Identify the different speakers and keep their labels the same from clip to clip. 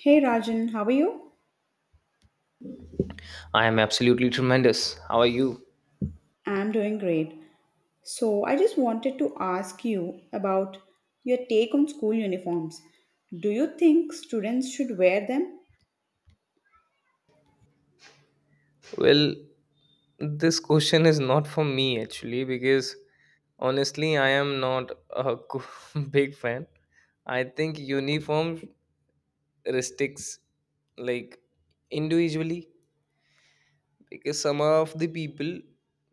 Speaker 1: Hey Rajan, how are you?
Speaker 2: I am absolutely tremendous. How are you?
Speaker 1: I'm doing great. So, I just wanted to ask you about your take on school uniforms. Do you think students should wear them?
Speaker 2: Well, this question is not for me actually because honestly, I am not a big fan. I think uniform restricts, like, individually. Because some of the people,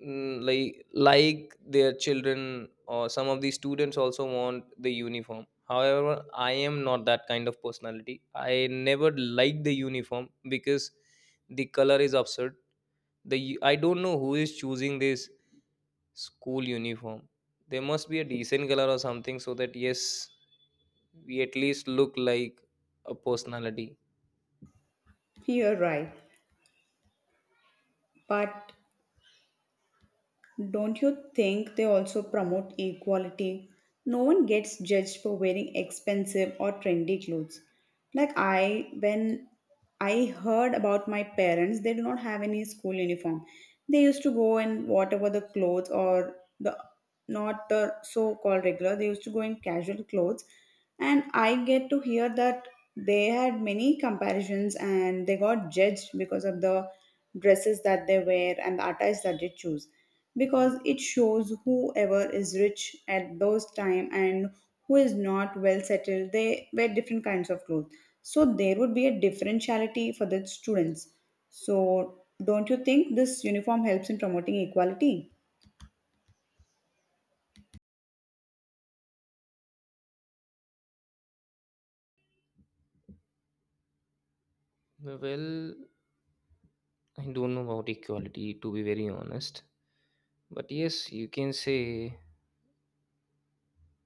Speaker 2: like their children, or some of the students also want the uniform. However, I am not that kind of personality. I never like the uniform because the color is absurd. I don't know who is choosing this school uniform. There must be a decent color or something so that, yes, we at least look like a personality.
Speaker 1: You're right. But don't you think they also promote equality? No one gets judged for wearing expensive or trendy clothes. Like I, when I heard about my parents, they do not have any school uniform. They used to go and whatever the clothes or the not the so-called regular, they used to go in casual clothes, and I get to hear that they had many comparisons and they got judged because of the dresses that they wear and the attires that they choose, because it shows whoever is rich at those time and who is not well settled they wear different kinds of clothes. So there would be a differentiality for the students. So don't you think this uniform helps in promoting equality?
Speaker 2: Well, I don't know about equality to be very honest. But yes, you can say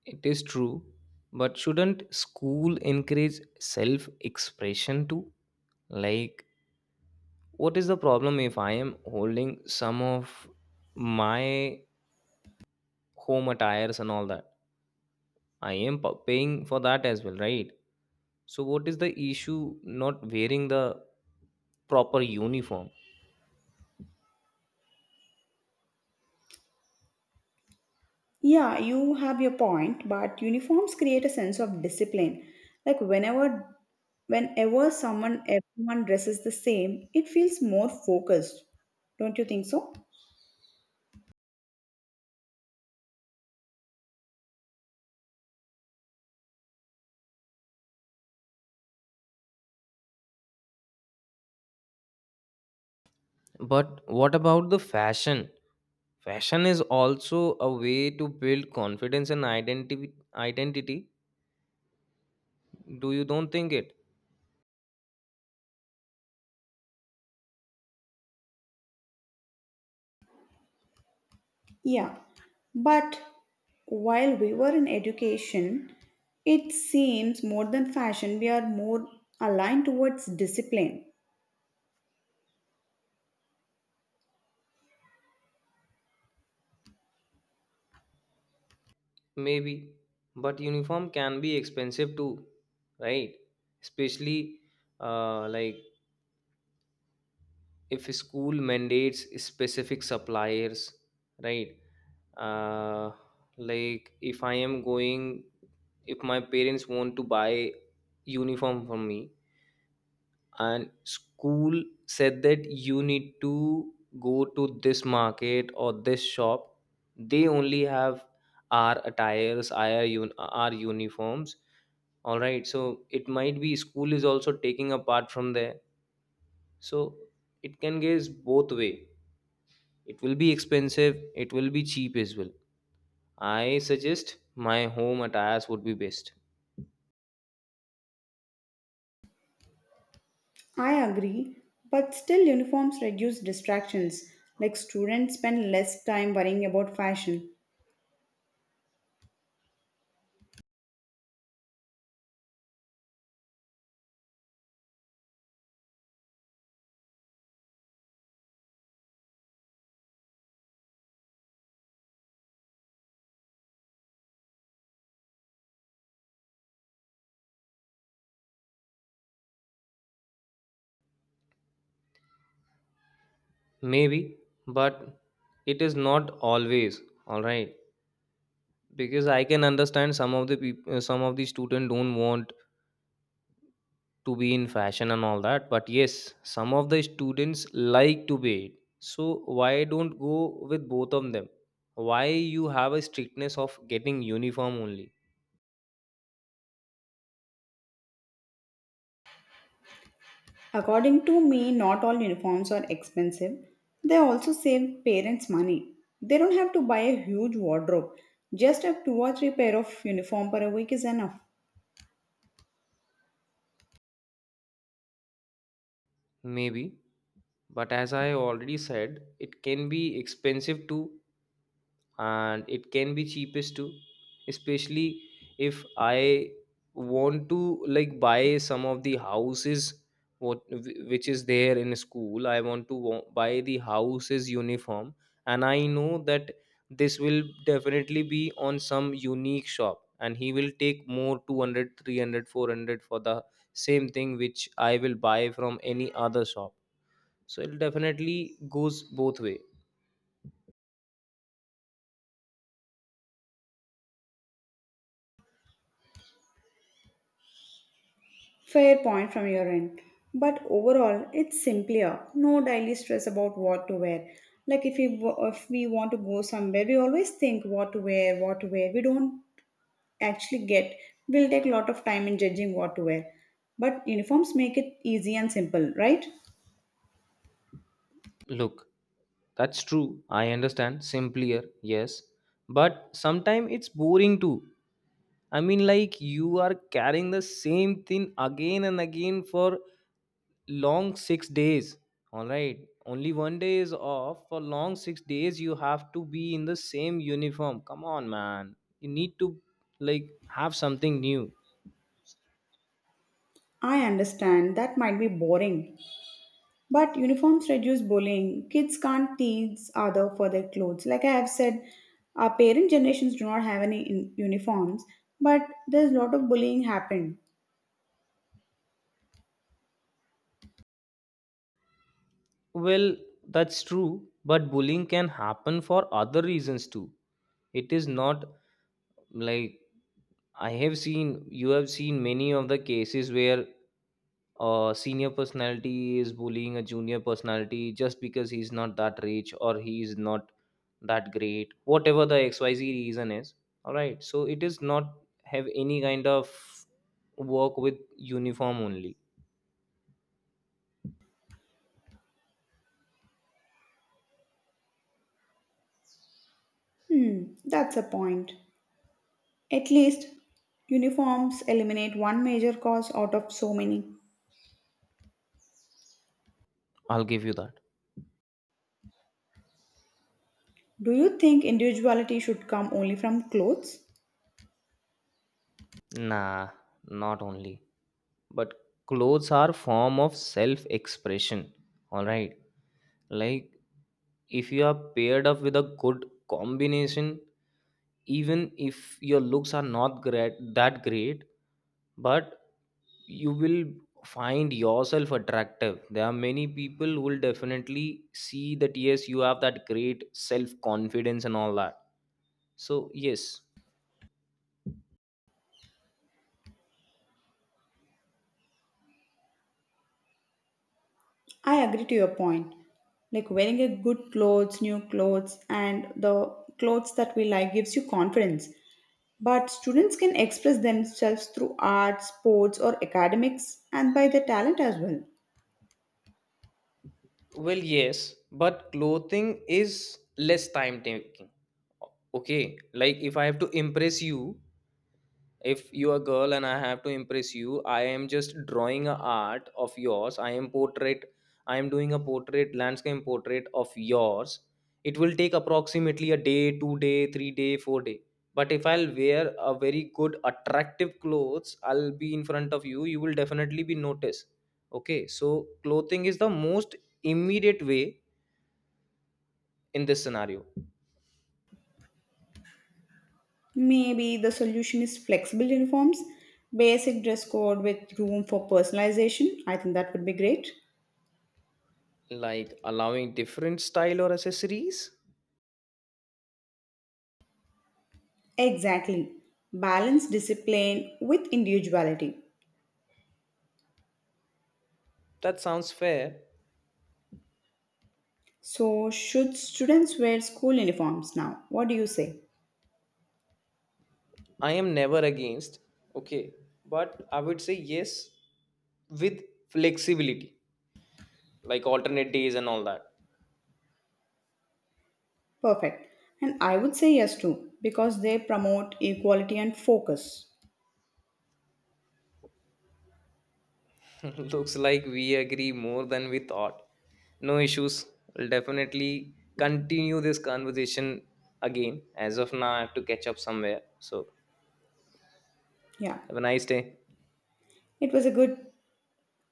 Speaker 2: it is true. But shouldn't school encourage self expression too? Like, what is the problem if I am holding some of my home attires and all that? I am paying for that as well, right? So, what is the issue not wearing the proper uniform?
Speaker 1: Yeah, you have your point, but uniforms create a sense of discipline. Like whenever someone everyone dresses the same, it feels more focused. Don't you think so?
Speaker 2: But what about the fashion? Fashion is also a way to build confidence and identity. Identity. Do you don't think it?
Speaker 1: Yeah. But while we were in education, it seems more than fashion, we are more aligned towards discipline.
Speaker 2: Maybe. But uniform can be expensive too, right? Especially like if a school mandates specific suppliers, right? Uh, like if I am going, if my parents want to buy uniform for me, and school said that you need to go to this market or this shop. They only have our attires, our uniforms. All right, so it might be school is also taking apart from there. So it can goes both way. It will be expensive, it will be cheap as well. I suggest my home attires would be best.
Speaker 1: I agree, but still uniforms reduce distractions. Like students spend less time worrying about fashion.
Speaker 2: Maybe, but it is not always, all right? Because I can understand some of the people, some of the students don't want to be in fashion and all that, but yes, some of the students like to be it. So why don't go with both of them? Why you have a strictness of getting uniform only?
Speaker 1: According to me, not all uniforms are expensive. They also save parents money. They don't have to buy a huge wardrobe. Just a two or three pair of uniform per week is enough.
Speaker 2: Maybe, but as I already said, it can be expensive too, and it can be cheapest too. Especially if I want to, like, buy some of the houses, which is there in school. I want to buy the houses uniform. And I know that this will definitely be on some unique shop, and he will take more 200, 300, 400 for the same thing which I will buy from any other shop. So it definitely goes both way.
Speaker 1: Fair point from your end. But overall, it's simpler. No daily stress about what to wear. Like if we want to go somewhere, we always think what to wear, what to wear. We don't actually get. We'll take a lot of time in judging what to wear. But uniforms make it easy and simple, right?
Speaker 2: Look, that's true. I understand. Simpler, yes. But sometimes it's boring too. I mean, like, you are carrying the same thing again and again for long 6 days. All right. Only one day is off. For long 6 days, you have to be in the same uniform. Come on, man. You need to, like, have something new.
Speaker 1: I understand that might be boring, but uniforms reduce bullying. Kids can't tease other for their clothes. Like I have said, our parent generations do not have any uniforms, but there's a lot of bullying happened.
Speaker 2: Well, that's true. But bullying can happen for other reasons too. It is not like I have seen, you have seen many of the cases where a senior personality is bullying a junior personality just because he's not that rich or he's not that great, whatever the XYZ reason is. All right, so it is not have any kind of work with uniform only.
Speaker 1: Hmm, that's a point. At least uniforms eliminate one major cause out of so many.
Speaker 2: I'll give you that.
Speaker 1: Do you think individuality should come only from clothes?
Speaker 2: Nah, not only, but clothes are form of self expression. All right, like if you are paired up with a good combination, even if your looks are not great, that great, but you will find yourself attractive. There are many people who will definitely see that yes, you have that great self confidence and all that. So yes.
Speaker 1: I agree to your point. Like wearing a good clothes, new clothes, and the clothes that we like gives you confidence. But students can express themselves through art, sports, or academics, and by their talent as well.
Speaker 2: Well, yes, but clothing is less time taking. Okay, like if I have to impress you, if you are girl and I have to impress you, I am just drawing a art of yours. I am portrait, I am doing a portrait landscape portrait of yours. It will take approximately a day, 2 day, 3 day, 4 day. But if I'll wear a very good attractive clothes, I'll be in front of you, you will definitely be noticed. Okay, so clothing is the most immediate way in this scenario.
Speaker 1: Maybe the solution is flexible uniforms, basic dress code with room for personalization. I think that would be great.
Speaker 2: Like allowing different style or accessories.
Speaker 1: Exactly. Balance discipline with individuality.
Speaker 2: That sounds fair.
Speaker 1: So, should students wear school uniforms now? What do you say?
Speaker 2: I am never against, okay, but I would say yes with flexibility, like alternate days and all that.
Speaker 1: Perfect. And I would say yes too, because they promote equality and focus.
Speaker 2: Looks like we agree more than we thought. No issues. We'll definitely continue this conversation again. As of now, I have to catch up somewhere. So,
Speaker 1: Yeah.
Speaker 2: have a nice day.
Speaker 1: It was a good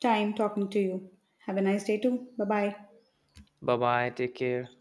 Speaker 1: time talking to you. Have a nice day too. Bye bye.
Speaker 2: Bye bye. Take care.